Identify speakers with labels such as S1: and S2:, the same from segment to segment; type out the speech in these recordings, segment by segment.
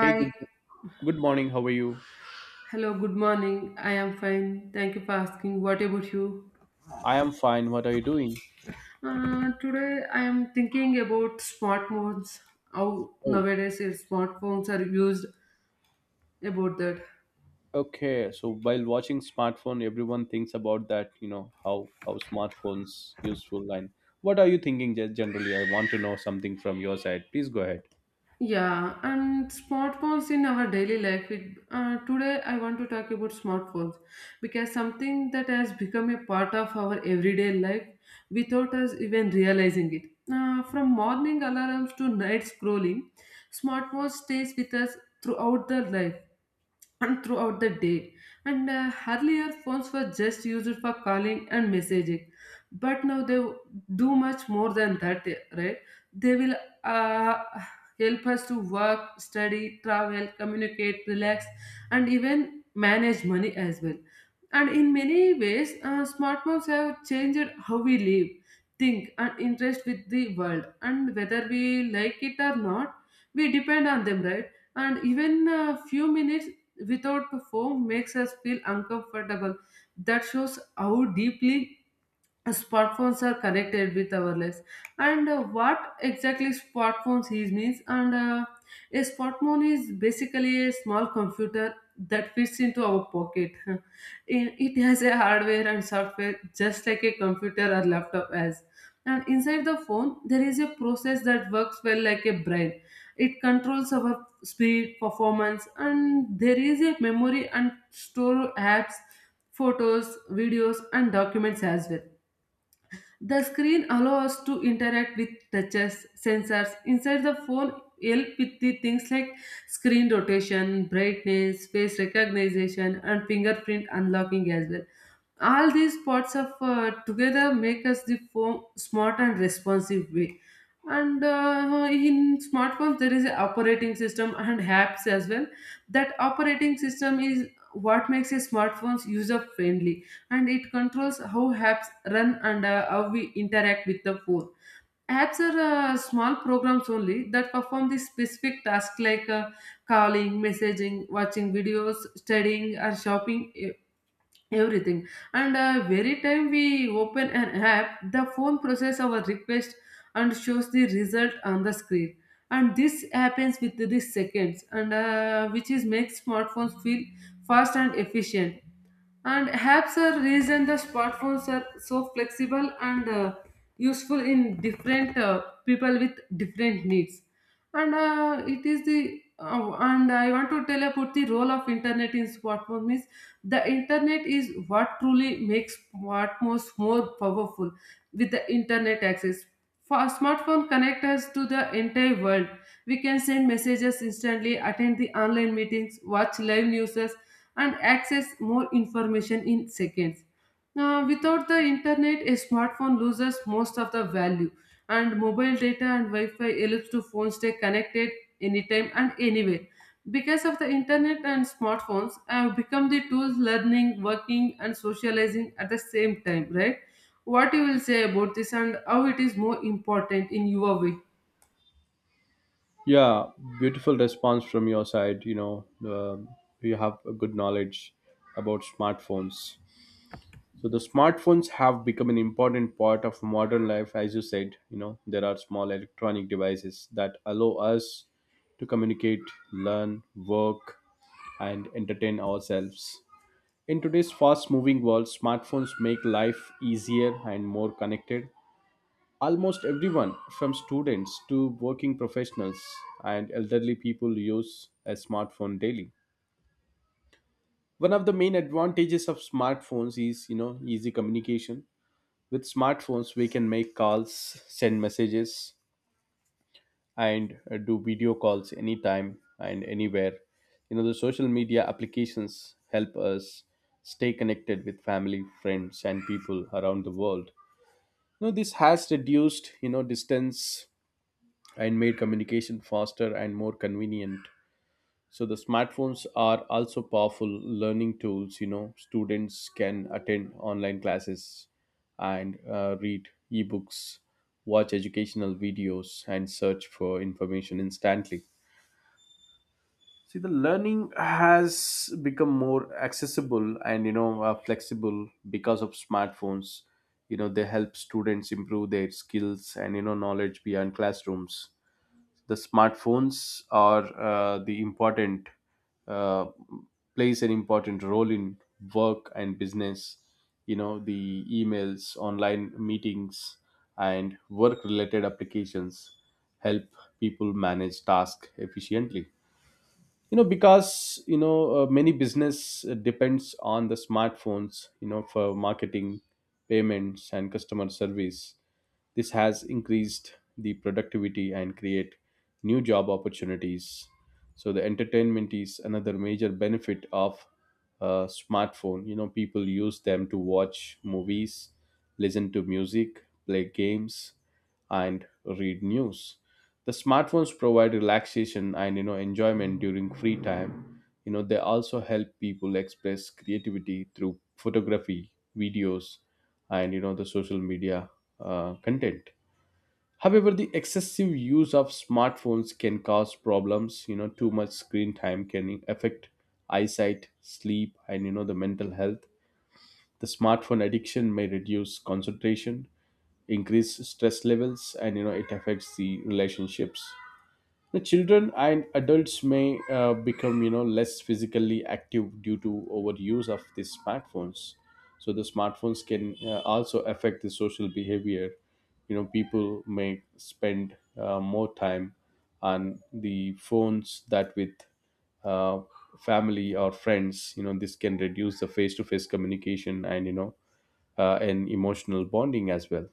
S1: Hey, good morning. How are you?
S2: hello, good morning. I am fine. Thank you for asking. What about you?
S1: I am fine. What are you doing?
S2: Today I am thinking about smartphones, how
S1: Oh,
S2: nowadays is smartphones are used about that.
S1: okay. So while watching smartphone, everyone thinks about that. You know how smartphones useful and what are you thinking generally? I want to know something from your side. Please go ahead.
S2: Yeah, and smartphones in our daily life. Today, I want to talk about smartphones because something that has become a part of our everyday life without us even realizing it. From morning alarms to night scrolling, smartphones stays with us throughout the life and throughout the day. And Earlier phones were just used for calling and messaging, but now they do much more than that, right? They will uh, help us to work, study, travel, communicate, relax, and even manage money as well. And in many ways, smartphones have changed how we live, think, and interest with the world. And whether we like it or not, we depend on them, right? And even a few minutes without foam makes us feel uncomfortable. That shows how deeply smartphones are connected with our lives and what exactly smartphones is means and a smartphone is basically a small computer that fits into our pocket. In- it has a hardware and software just like a computer or laptop has, and inside the phone there is a process that works well like a brain. It controls our speed performance, and there is a memory and store apps, photos, videos, and documents as well. The screen allows us to interact with touches, sensors. Inside the phone, help with the things like screen rotation, brightness, face recognition, and fingerprint unlocking as well. All these parts of together make us the form smart and responsive way. And In smartphones there is an operating system and apps as well. That operating system is what makes a smartphones user friendly, and it controls how apps run and how we interact with the phone. Apps are small programs only that perform the specific tasks like calling, messaging, watching videos, studying, or shopping, everything. And Very time we open an app, the phone process our request and shows the result on the screen, and this happens with the seconds, and which is makes smartphones feel fast and efficient. And apps are reason the smartphones are so flexible and useful in different people with different needs. And it is the and I want to tell about the role of internet in smartphone is the internet is what truly makes smartphones more powerful with the internet access. For a smartphone connect us to the entire world. We can send messages instantly, attend the online meetings, watch live news, and access more information in seconds. Now, without the internet, a smartphone loses most of the value, and mobile data and Wi Fi allows to phones stay connected anytime and anywhere. Because of the internet and smartphones, have become the tools learning, working, and socializing at the same time, right? What you will say about this and how it is more important in your way?
S1: Yeah, beautiful response from your side. Um you have a good knowledge about smartphones. So the smartphones have become an important part of modern life, as you said. You know, there are small electronic devices that allow us to communicate, learn, work, and entertain ourselves. In today's fast moving world, smartphones make life easier and more connected. Almost everyone, from students to working professionals and elderly people, use a smartphone daily. One of the main advantages of smartphones is, you know, easy communication. With smartphones, we can make calls, send messages, and do video calls anytime and anywhere. You know, the social media applications help us stay connected with family, friends, and people around the world. You know, this has reduced, you know, distance and made communication faster and more convenient. So the smartphones are also powerful learning tools. You know, students can attend online classes and read ebooks, watch educational videos, and search for information instantly. See, the learning has become more accessible and flexible because of smartphones. You know, they help students improve their skills and you know knowledge beyond classrooms. The smartphones are the important uh, plays an important role in work and business. You know, the emails, online meetings, and work related applications help people manage tasks efficiently. You know, because many business depends on the smartphones, you know, for marketing, payments, and customer service. This has increased the productivity and create new job opportunities. So the entertainment is another major benefit of smartphone. You know, people use them to watch movies, listen to music, play games, and read news. The smartphones provide relaxation and you know enjoyment during free time. You know, they also help people express creativity through photography, videos, and you know the social media content. However, the excessive use of smartphones can cause problems. You know, too much screen time can affect eyesight, sleep, and you know the mental health. The smartphone addiction may reduce concentration, increase stress levels, and you know it affects the relationships. The children and adults may become you know less physically active due to overuse of these smartphones. So the smartphones can also affect the social behavior. You know, people may spend more time on the phones that with uh, family or friends. You know, this can reduce the face-to-face communication and and emotional bonding as well.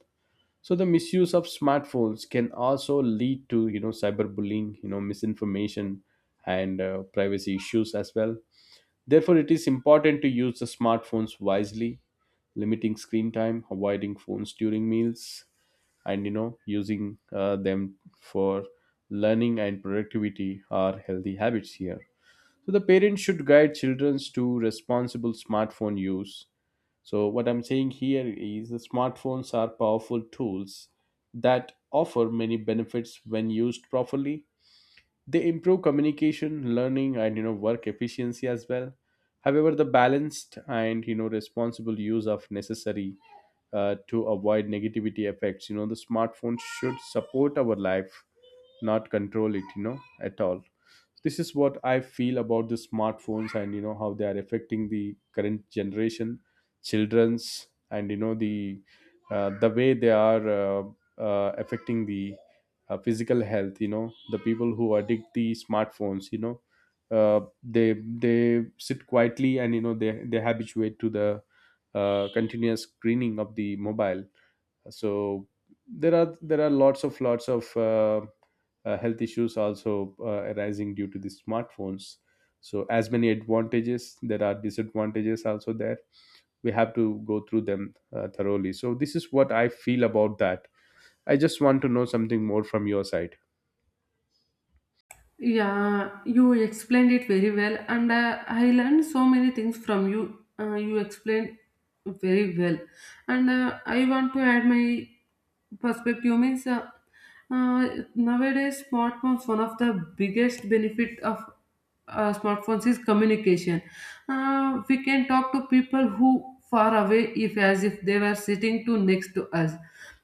S1: So the misuse of smartphones can also lead to you know cyberbullying, you know misinformation, and privacy issues as well. Therefore, it is important to use the smartphones wisely, limiting screen time, avoiding phones during meals, and you know using them for learning and productivity are healthy habits here. So the parents should guide children to responsible smartphone use. So, what I'm saying here is the smartphones are powerful tools that offer many benefits when used properly. They improve communication, learning, and you know work efficiency as well. However, the balanced and you know responsible use of necessary to avoid negativity effects. You know, the smartphone should support our life, not control it. You know, at all, this is what I feel about the smartphones and you know how they are affecting the current generation, children's and you know the way they are affecting the physical health. You know, the people who addict the smartphones, they sit quietly and you know they habituate to the continuous screening of the mobile. So there are lots of health issues also arising due to the smartphones. So as many advantages, there are disadvantages also there. We have to go through them thoroughly. So this is what I feel about that. I just want to know something more from your side.
S2: Yeah, you explained it very well, and I learned so many things from you. You explained very well, and I want to add my perspective means uh, nowadays smartphones one of the biggest benefit of smartphones is communication. We can talk to people who far away if as if they were sitting to next to us.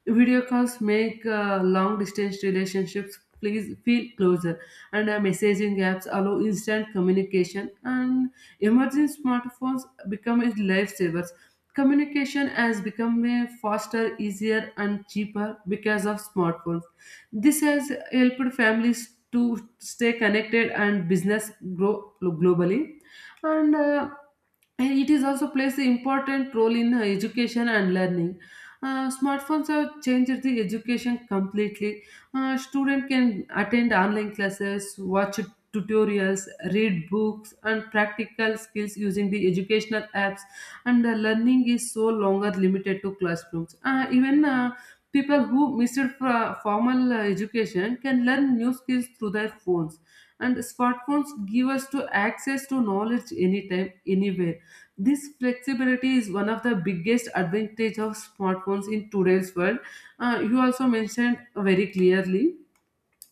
S2: Video calls make long distance relationships please feel closer, and messaging apps allow instant communication, and emerging smartphones become as lifesavers. Communication has become a faster, easier, and cheaper because of smartphones. This has helped families to stay connected and business grow glo- globally. And uh, and it is also plays an important role in education and learning. Smartphones have changed the education completely. Student can attend online classes, watch tutorials, read books, and practical skills using the educational apps. And the learning is so longer limited to classrooms. Even People who missed fro- formal education can learn new skills through their phones, and smartphones give us to access to knowledge anytime anywhere. This flexibility is one of the biggest advantage of smartphones in today's world. Uh, you also mentioned very clearly,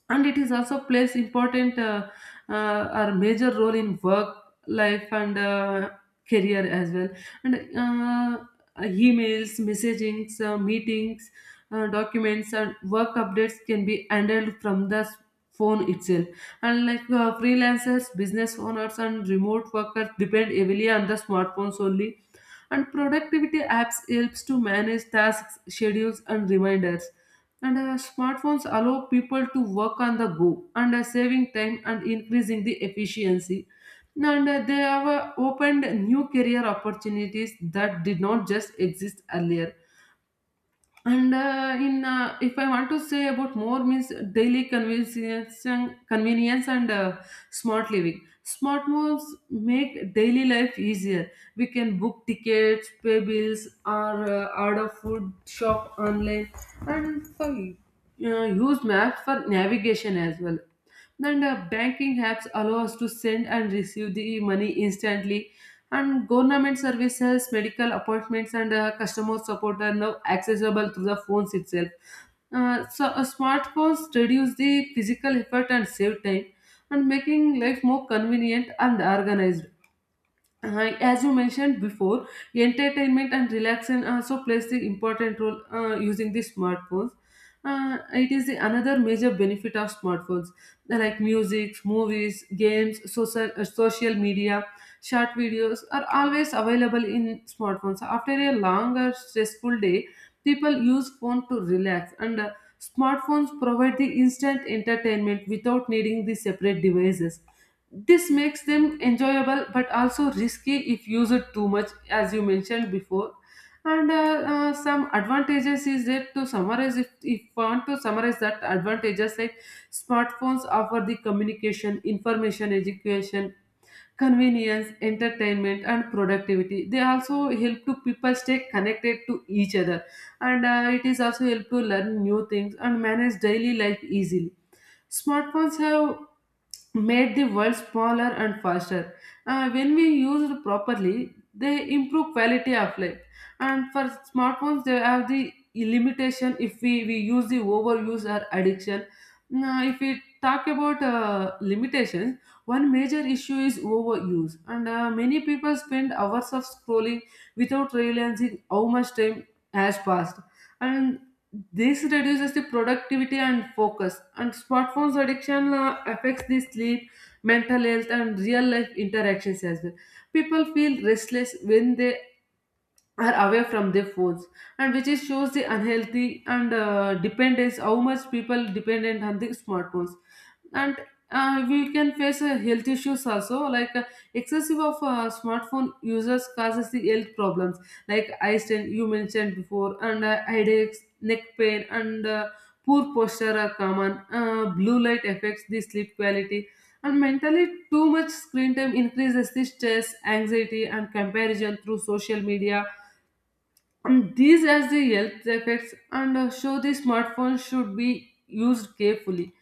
S2: and it is also plays important or major role in work life and career as well. And Emails, messagings, meetings, documents and work updates can be handled from the s- phone itself, and like freelancers, business owners, and remote workers depend heavily on the smartphones only. And productivity apps helps to manage tasks, schedules, and reminders, and smartphones allow people to work on the go, and saving time and increasing the efficiency. And They have opened new career opportunities that did not just exist earlier. And in If I want to say about more means daily convenience, convenience and smart living. Smartphones make daily life easier. We can book tickets, pay bills, or order food, shop online, and for use maps for navigation as well. And Banking apps allow us to send and receive the money instantly. And government services, medical appointments, and customer support are now accessible through the phones itself. Smartphones reduce the physical effort and save time, and making life more convenient and organized. As you mentioned before, entertainment and relaxation also plays the important role using the smartphones. It is the another major benefit of smartphones, like music, movies, games, social media, short videos are always available in smartphones. After a long or stressful day, people use phone to relax, and smartphones provide the instant entertainment without needing the separate devices. This makes them enjoyable but also risky if used too much, as you mentioned before. And Some advantages is that to summarize, if I want to summarize that advantages, like smartphones offer the communication, information, education, convenience, entertainment, and productivity. They also help to people stay connected to each other, and it is also help to learn new things and manage daily life easily. Smartphones have made the world smaller and faster. When we used properly, they improve quality of life. And for smartphones, they have the limitation if we use the overuse or addiction. Now, if we talk about limitations, one major issue is overuse, and many people spend hours of scrolling without realizing how much time has passed. And this reduces the productivity and focus, and smartphones addiction affects the sleep, mental health, and real life interactions as well. People feel restless when they are away from their phones, and which is shows the unhealthy and dependence how much people dependent on the smartphones. And We can face health issues also like excessive of smartphone users causes the health problems like eye strain, you mentioned before, and headaches, neck pain, and poor posture are common. Uh, blue light affects the sleep quality, and mentally too much screen time increases the stress, anxiety, and comparison through social media. These as the health effects, and show the smartphone should be used carefully.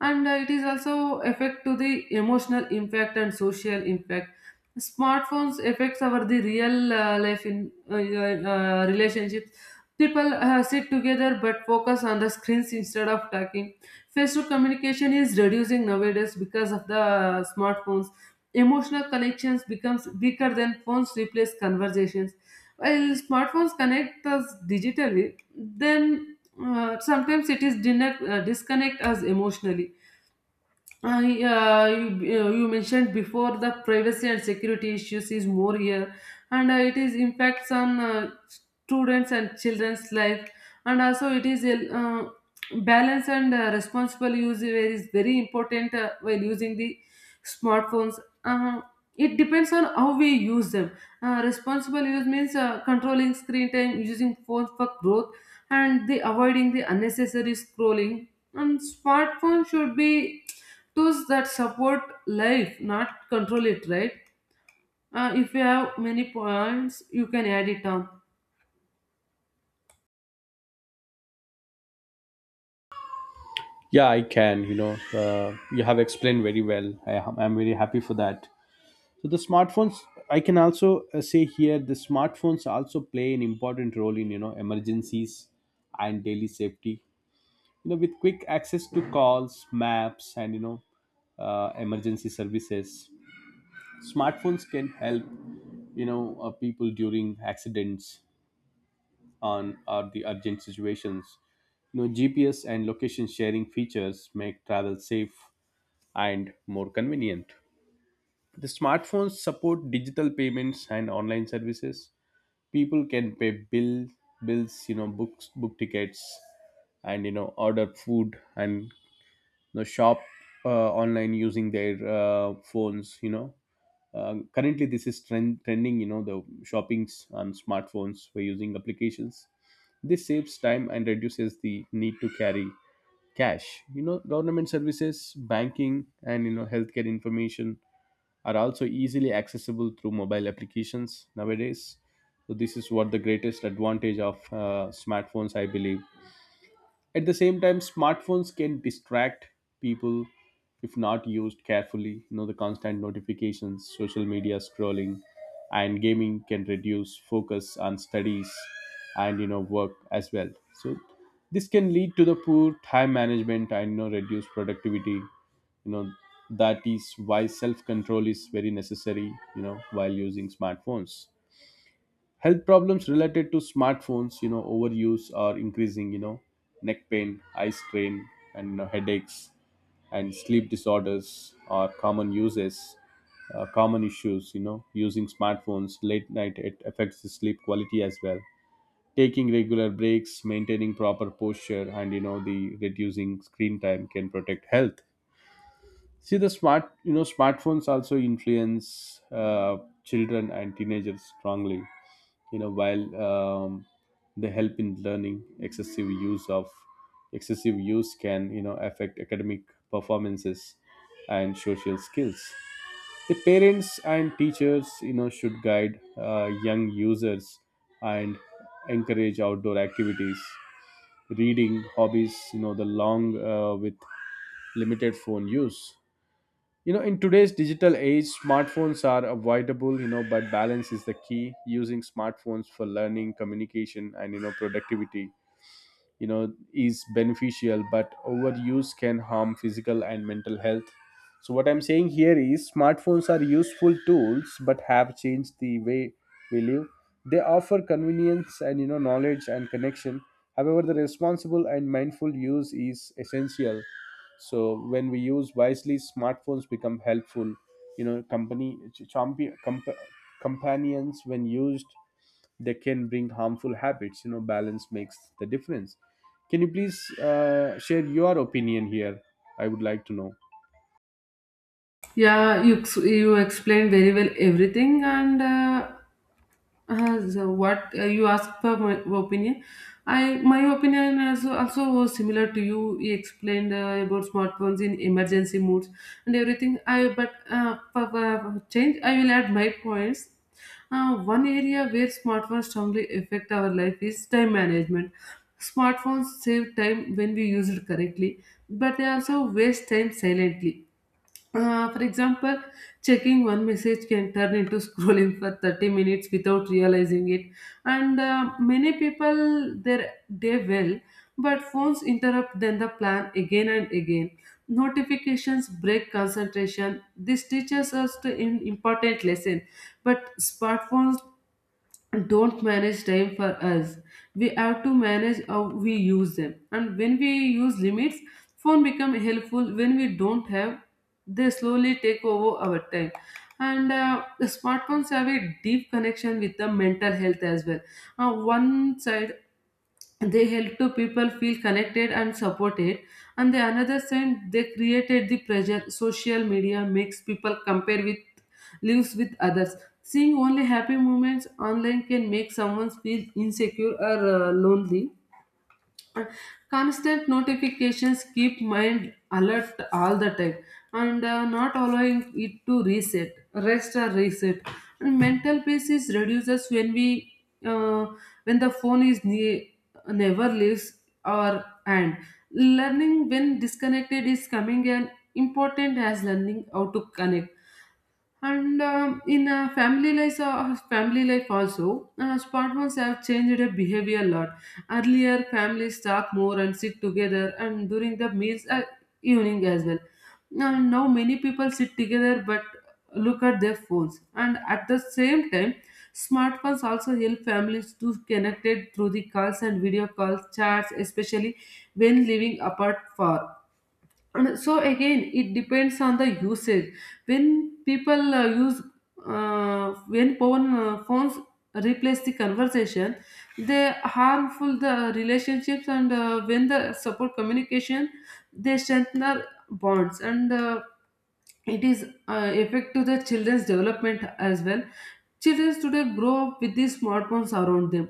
S2: And It is also affect to the emotional impact and social impact. Smartphones affects our the real life in relationships. People sit together but focus on the screens instead of talking. Face-to communication is reducing nowadays because of the smartphones. Emotional connections becomes weaker than phones replace conversations while smartphones connect us digitally, then sometimes it is dinner, disconnect us emotionally. Yeah, you mentioned before the privacy and security issues is more here, and it is impacts on students and children's life, and also it is a balance and responsible use where is very important while using the smartphones. Uh, it depends on how we use them. Responsible use means controlling screen time, using phones for growth, and the avoiding the unnecessary scrolling. And smartphone should be tools that support life, not control it, right? If you have many points, you can add it on.
S1: Yeah, I can, you know, you have explained very well. I'm very happy for that. So the smartphones, I can also say here, the smartphones also play an important role in you know emergencies and daily safety. You know, with quick access to calls, maps, and emergency services, smartphones can help people during accidents on or the urgent situations. You know, GPS and location sharing features make travel safe and more convenient. The smartphones support digital payments and online services. People can pay bills, you know, book tickets and you know order food and you know shop online using their phones. You know, currently this is trending, you know, the shoppings on smartphones we using applications. This saves time and reduces the need to carry cash. You know, government services, banking, and you know healthcare information are also easily accessible through mobile applications nowadays. So this is what the greatest advantage of smartphones, I believe. At the same time, smartphones can distract people if not used carefully. You know, the constant notifications, social media scrolling, and gaming can reduce focus on studies and you know work as well. So this can lead to the poor time management and you know reduced productivity. You know, that is why self control is very necessary. You know, while using smartphones, health problems related to smartphones you know overuse are increasing. You know, neck pain, eye strain, and you know headaches and sleep disorders are common issues. You know, using smartphones late night, it affects the sleep quality as well. Taking regular breaks, maintaining proper posture, and you know the reducing screen time can protect health. See, the smartphones also influence children and teenagers strongly. You know, while they help in learning, excessive use can you know affect academic performances and social skills. The parents and teachers, you know, should guide young users and encourage outdoor activities, reading hobbies, you know, the long with limited phone use. You know, in today's digital age, smartphones are avoidable, you know, but balance is the key. Using smartphones for learning, communication, and, you know, productivity you know is beneficial, but overuse can harm physical and mental health. So what I'm saying here is smartphones are useful tools but have changed the way we live. They offer convenience and you know knowledge and connection. However, the responsible and mindful use is essential. So when we use wisely, smartphones become helpful. You know, company ch- champi- comp- companions. When used, they can bring harmful habits. You know, balance makes the difference. Can you please share your opinion here? I would like to know.
S2: Yeah, you explained very well everything, and so what you asked for my opinion, I my opinion also, also was similar to you. You explained about smartphones in emergency modes and everything. I But for change I will add my points. One area where smartphones strongly affect our life is time management. Smartphones save time when we use it correctly, but they also waste time silently. For example, checking one message can turn into scrolling for 30 minutes without realizing it. And many people their day well, but phones interrupt then the plan again and again. Notifications break concentration. This teaches us to an important lesson, but smartphones don't manage time for us. We have to manage how we use them, and when we use limits, phone become helpful. When we don't have, they slowly take over our time. And the smartphones have a deep connection with the mental health as well. One side, they help to people feel connected and supported, and the another side, they created the pressure. Social media makes people compare with lives with others. Seeing only happy moments online can make someone feel insecure or lonely. Constant notifications keep mind alert all the time, and not allowing it to reset, rest or reset, and mental peace is reduces when we uh, when the never leaves our hand. Learning when disconnected is coming an important as learning how to connect. And in family life also, smartphones have changed their behavior a lot. Earlier families talk more and sit together and during the meals, evening as well. Now many people sit together but look at their phones. And at the same time, smartphones also help families to connected through the calls and video calls chats, especially when living apart far. And so again, it depends on the usage. When people use, when phone, phones replace the conversation, they harmful the relationships. And when the support communication, they strengthen the bonds. And it is effect to the children's development as well. Children today grow up with these smartphones around them.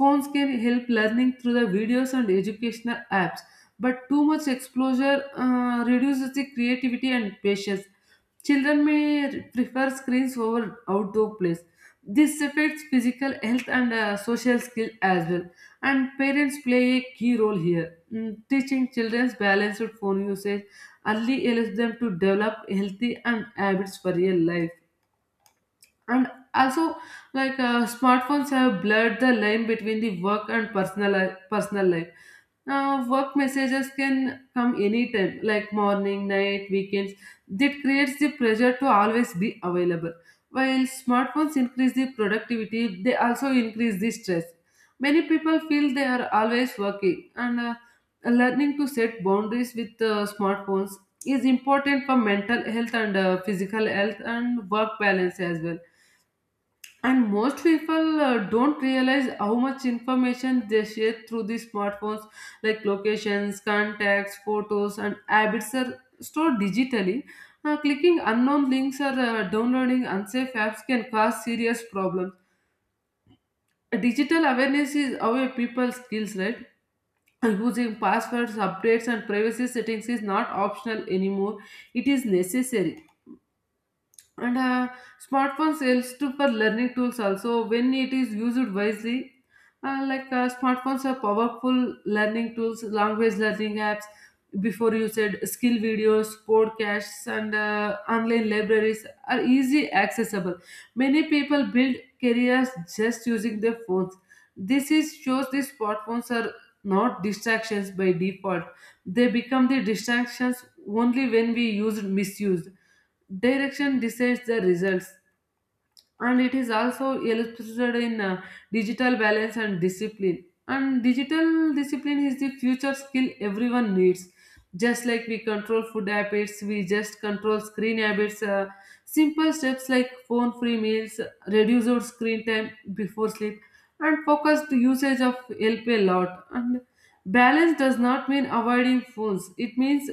S2: Phones can help learning through the videos and educational apps, but too much exposure reduces the creativity and patience. Children may prefer screens over outdoor plays. This affects physical health and social skill as well. And parents play a key role here. Mm, teaching children balanced phone usage early allows them to develop healthy and habits for real life. And also, like, smartphones have blurred the line between the work and personal life. Work messages can come anytime, like morning, night, weekends. That creates the pressure to always be available. While smartphones increase the productivity, they also increase the stress. Many people feel they are always working. And learning to set boundaries with smartphones is important for mental health and physical health and work balance as well. And most people don't realize how much information they share through these smartphones, like locations, contacts, photos and habits are stored digitally. Clicking unknown links or downloading unsafe apps can cause serious problems. Digital awareness is our people's skills, right? Using passwords, updates and privacy settings is not optional anymore, it is necessary. And smartphone sales to for learning tools also when it is used wisely. Like, smartphones are powerful learning tools. Language learning apps, before you said, skill videos, podcasts and online libraries are easy accessible. Many people build careers just using their phones. This is shows these smartphones are not distractions by default. They become the distractions only when we use misused. Direction decides the results, and it is also illustrated in digital balance and discipline. And digital discipline is the future skill everyone needs. Just like we control food habits, we just control screen habits. Simple steps like phone free meals, reduce our screen time before sleep, and focused usage of help a lot. And balance does not mean avoiding phones, it means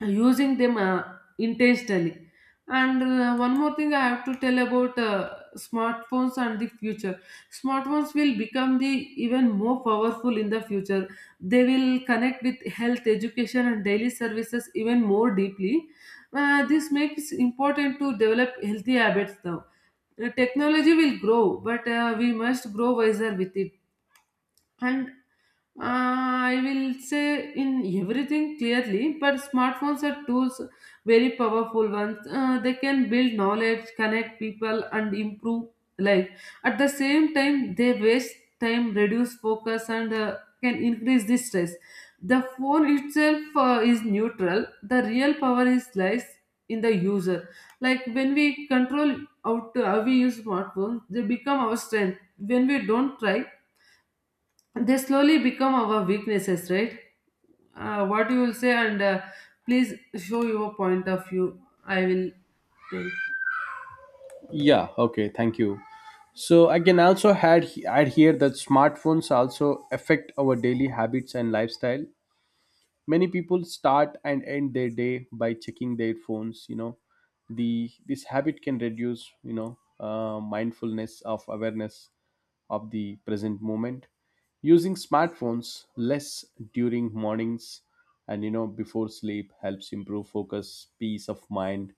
S2: using them intentionally. And one more thing I have to tell about smartphones and the future. Smartphones will become the even more powerful in the future. They will connect with health, education and daily services even more deeply. This makes important to develop healthy habits now. Technology will grow, but we must grow wiser with it. And I will say in everything clearly, but smartphones are tools, very powerful ones. They can build knowledge, connect people, and improve life. At the same time, they waste time, reduce focus, and can increase the stress. The phone itself is neutral. The real power is lies in the user. Like when we control out how we use smartphones, they become our strength. When we don't try, they slowly become our weaknesses, right? What you will say? And please show your point of view. I will tell.
S1: Yeah, okay, thank you. So I can also add here that smartphones also affect our daily habits and lifestyle. Many people start and end their day by checking their phones. You know, the this habit can reduce mindfulness of awareness of the present moment. Using smartphones less during mornings and you know before sleep helps improve focus, peace of mind,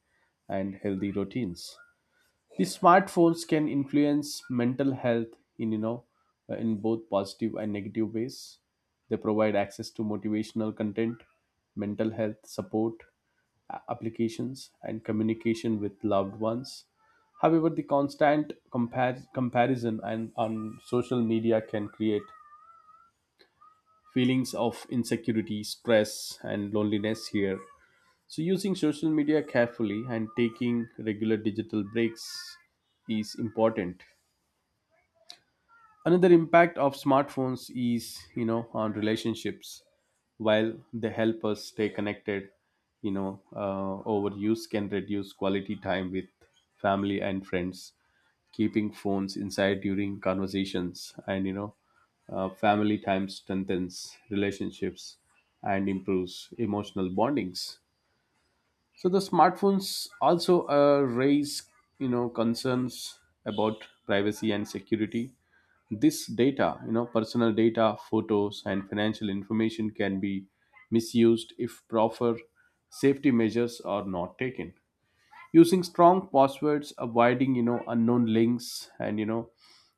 S1: and healthy routines. The smartphones can influence mental health in in both positive and negative ways. They provide access to motivational content, mental health support, applications, and communication with loved ones. However, the comparison and on social media can create feelings of insecurity, stress, and loneliness here. So using social media carefully and taking regular digital breaks is important. Another impact of smartphones is you know on relationships. While they help us stay connected, you know, overuse can reduce quality time with family and friends. Keeping phones inside during conversations and family time strengthens relationships and improves emotional bondings. So the smartphones also raise, you know, concerns about privacy and security. This data, you know, personal data, photos, and financial information can be misused if proper safety measures are not taken. Using strong passwords, avoiding, you know, unknown links, and you know,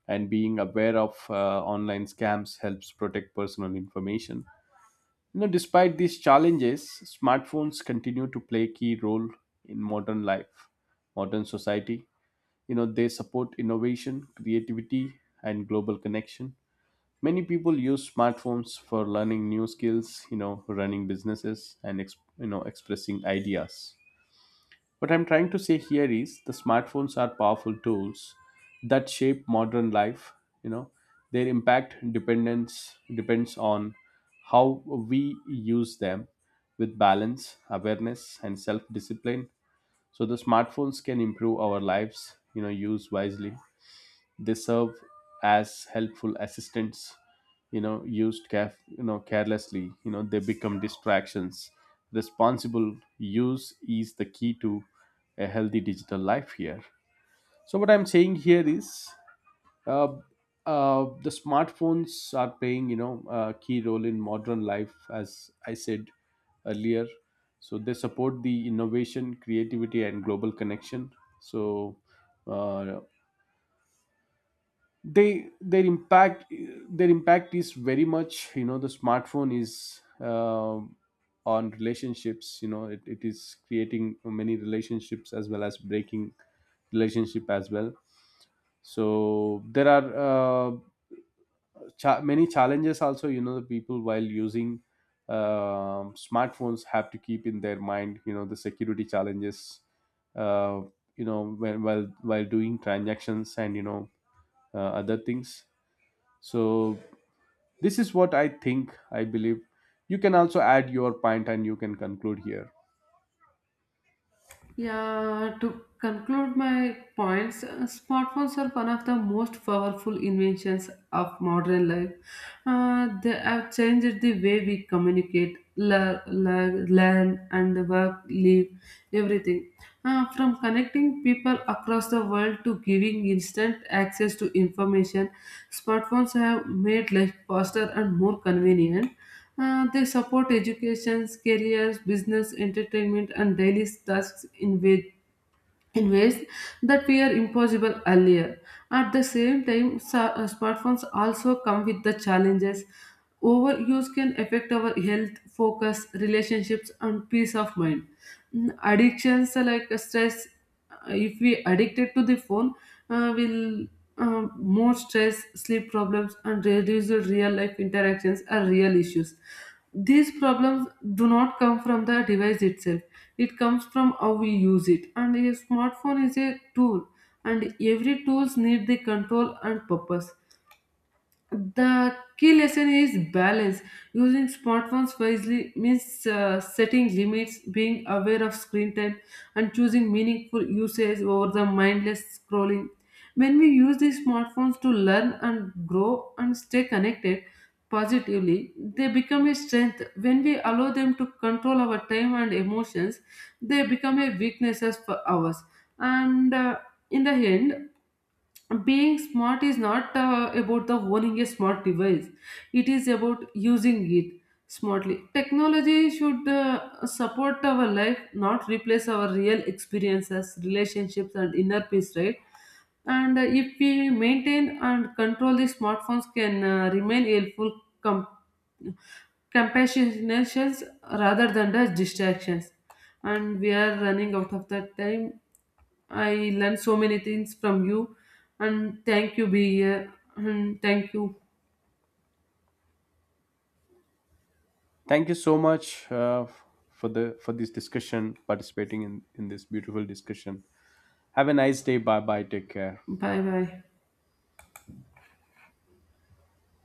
S1: and being aware of online scams helps protect personal information. You know, despite these challenges, smartphones continue to play a key role in modern life, modern society. You know, they support innovation, creativity, and global connection. Many people use smartphones for learning new skills, you know, running businesses and you know, expressing ideas. What I'm trying to say here is the smartphones are powerful tools that shape modern life. You know, their impact dependence depends on how we use them with balance, awareness, and self-discipline. So the smartphones can improve our lives. You know, use wisely, they serve as helpful assistants. You know, used you know carelessly, you know, they become distractions. Responsible use is the key to a healthy digital life here. So what I'm saying here is uh, the smartphones are playing you know a key role in modern life, as I said earlier. So they support the innovation, creativity, and global connection. So, uh, they their impact is very much. You know, the smartphone is on relationships. You know, it is creating many relationships as well as breaking relationship as well. So there are many challenges also. You know, the people while using smartphones have to keep in their mind, you know, the security challenges. uh, you know, while doing transactions and you know other things. So this is what I think, I believe. You can also add your point and you can conclude here.
S2: Yeah, to conclude my points, smartphones are one of the most powerful inventions of modern life. Uh, they have changed the way we communicate, learn and work, live, everything. From connecting people across the world to giving instant access to information, smartphones have made life faster and more convenient. They support education, careers, business, entertainment, and daily tasks in ways that were impossible earlier. At the same time, smartphones also come with the challenges. Overuse can affect our health, focus, relationships, and peace of mind. Mm, addictions like stress, if we addicted to the phone, will more stress, sleep problems, and reduced real life interactions are real issues. These problems do not come from the device itself, it comes from how we use it. And a smartphone is a tool, and every tools need the control and purpose. The key lesson is balance. Using smartphones wisely means setting limits, being aware of screen time, and choosing meaningful usage over the mindless scrolling. When we use these smartphones to learn and grow and stay connected positively, they become a strength. When we allow them to control our time and emotions, they become a weaknesses for ours. And in the end, being smart is not about the owning a smart device, it is about using it smartly. Technology should support our life, not replace our real experiences, relationships and inner peace, right? And if we maintain and control, the smartphones can remain helpful, compassionations rather than the distractions. And we are running out of the time. I learned so many things from you, and thank you be here, and thank you.
S1: Thank you so much for the for this discussion, participating in this beautiful discussion. Have a nice day. Bye bye. Take care.
S2: Bye bye.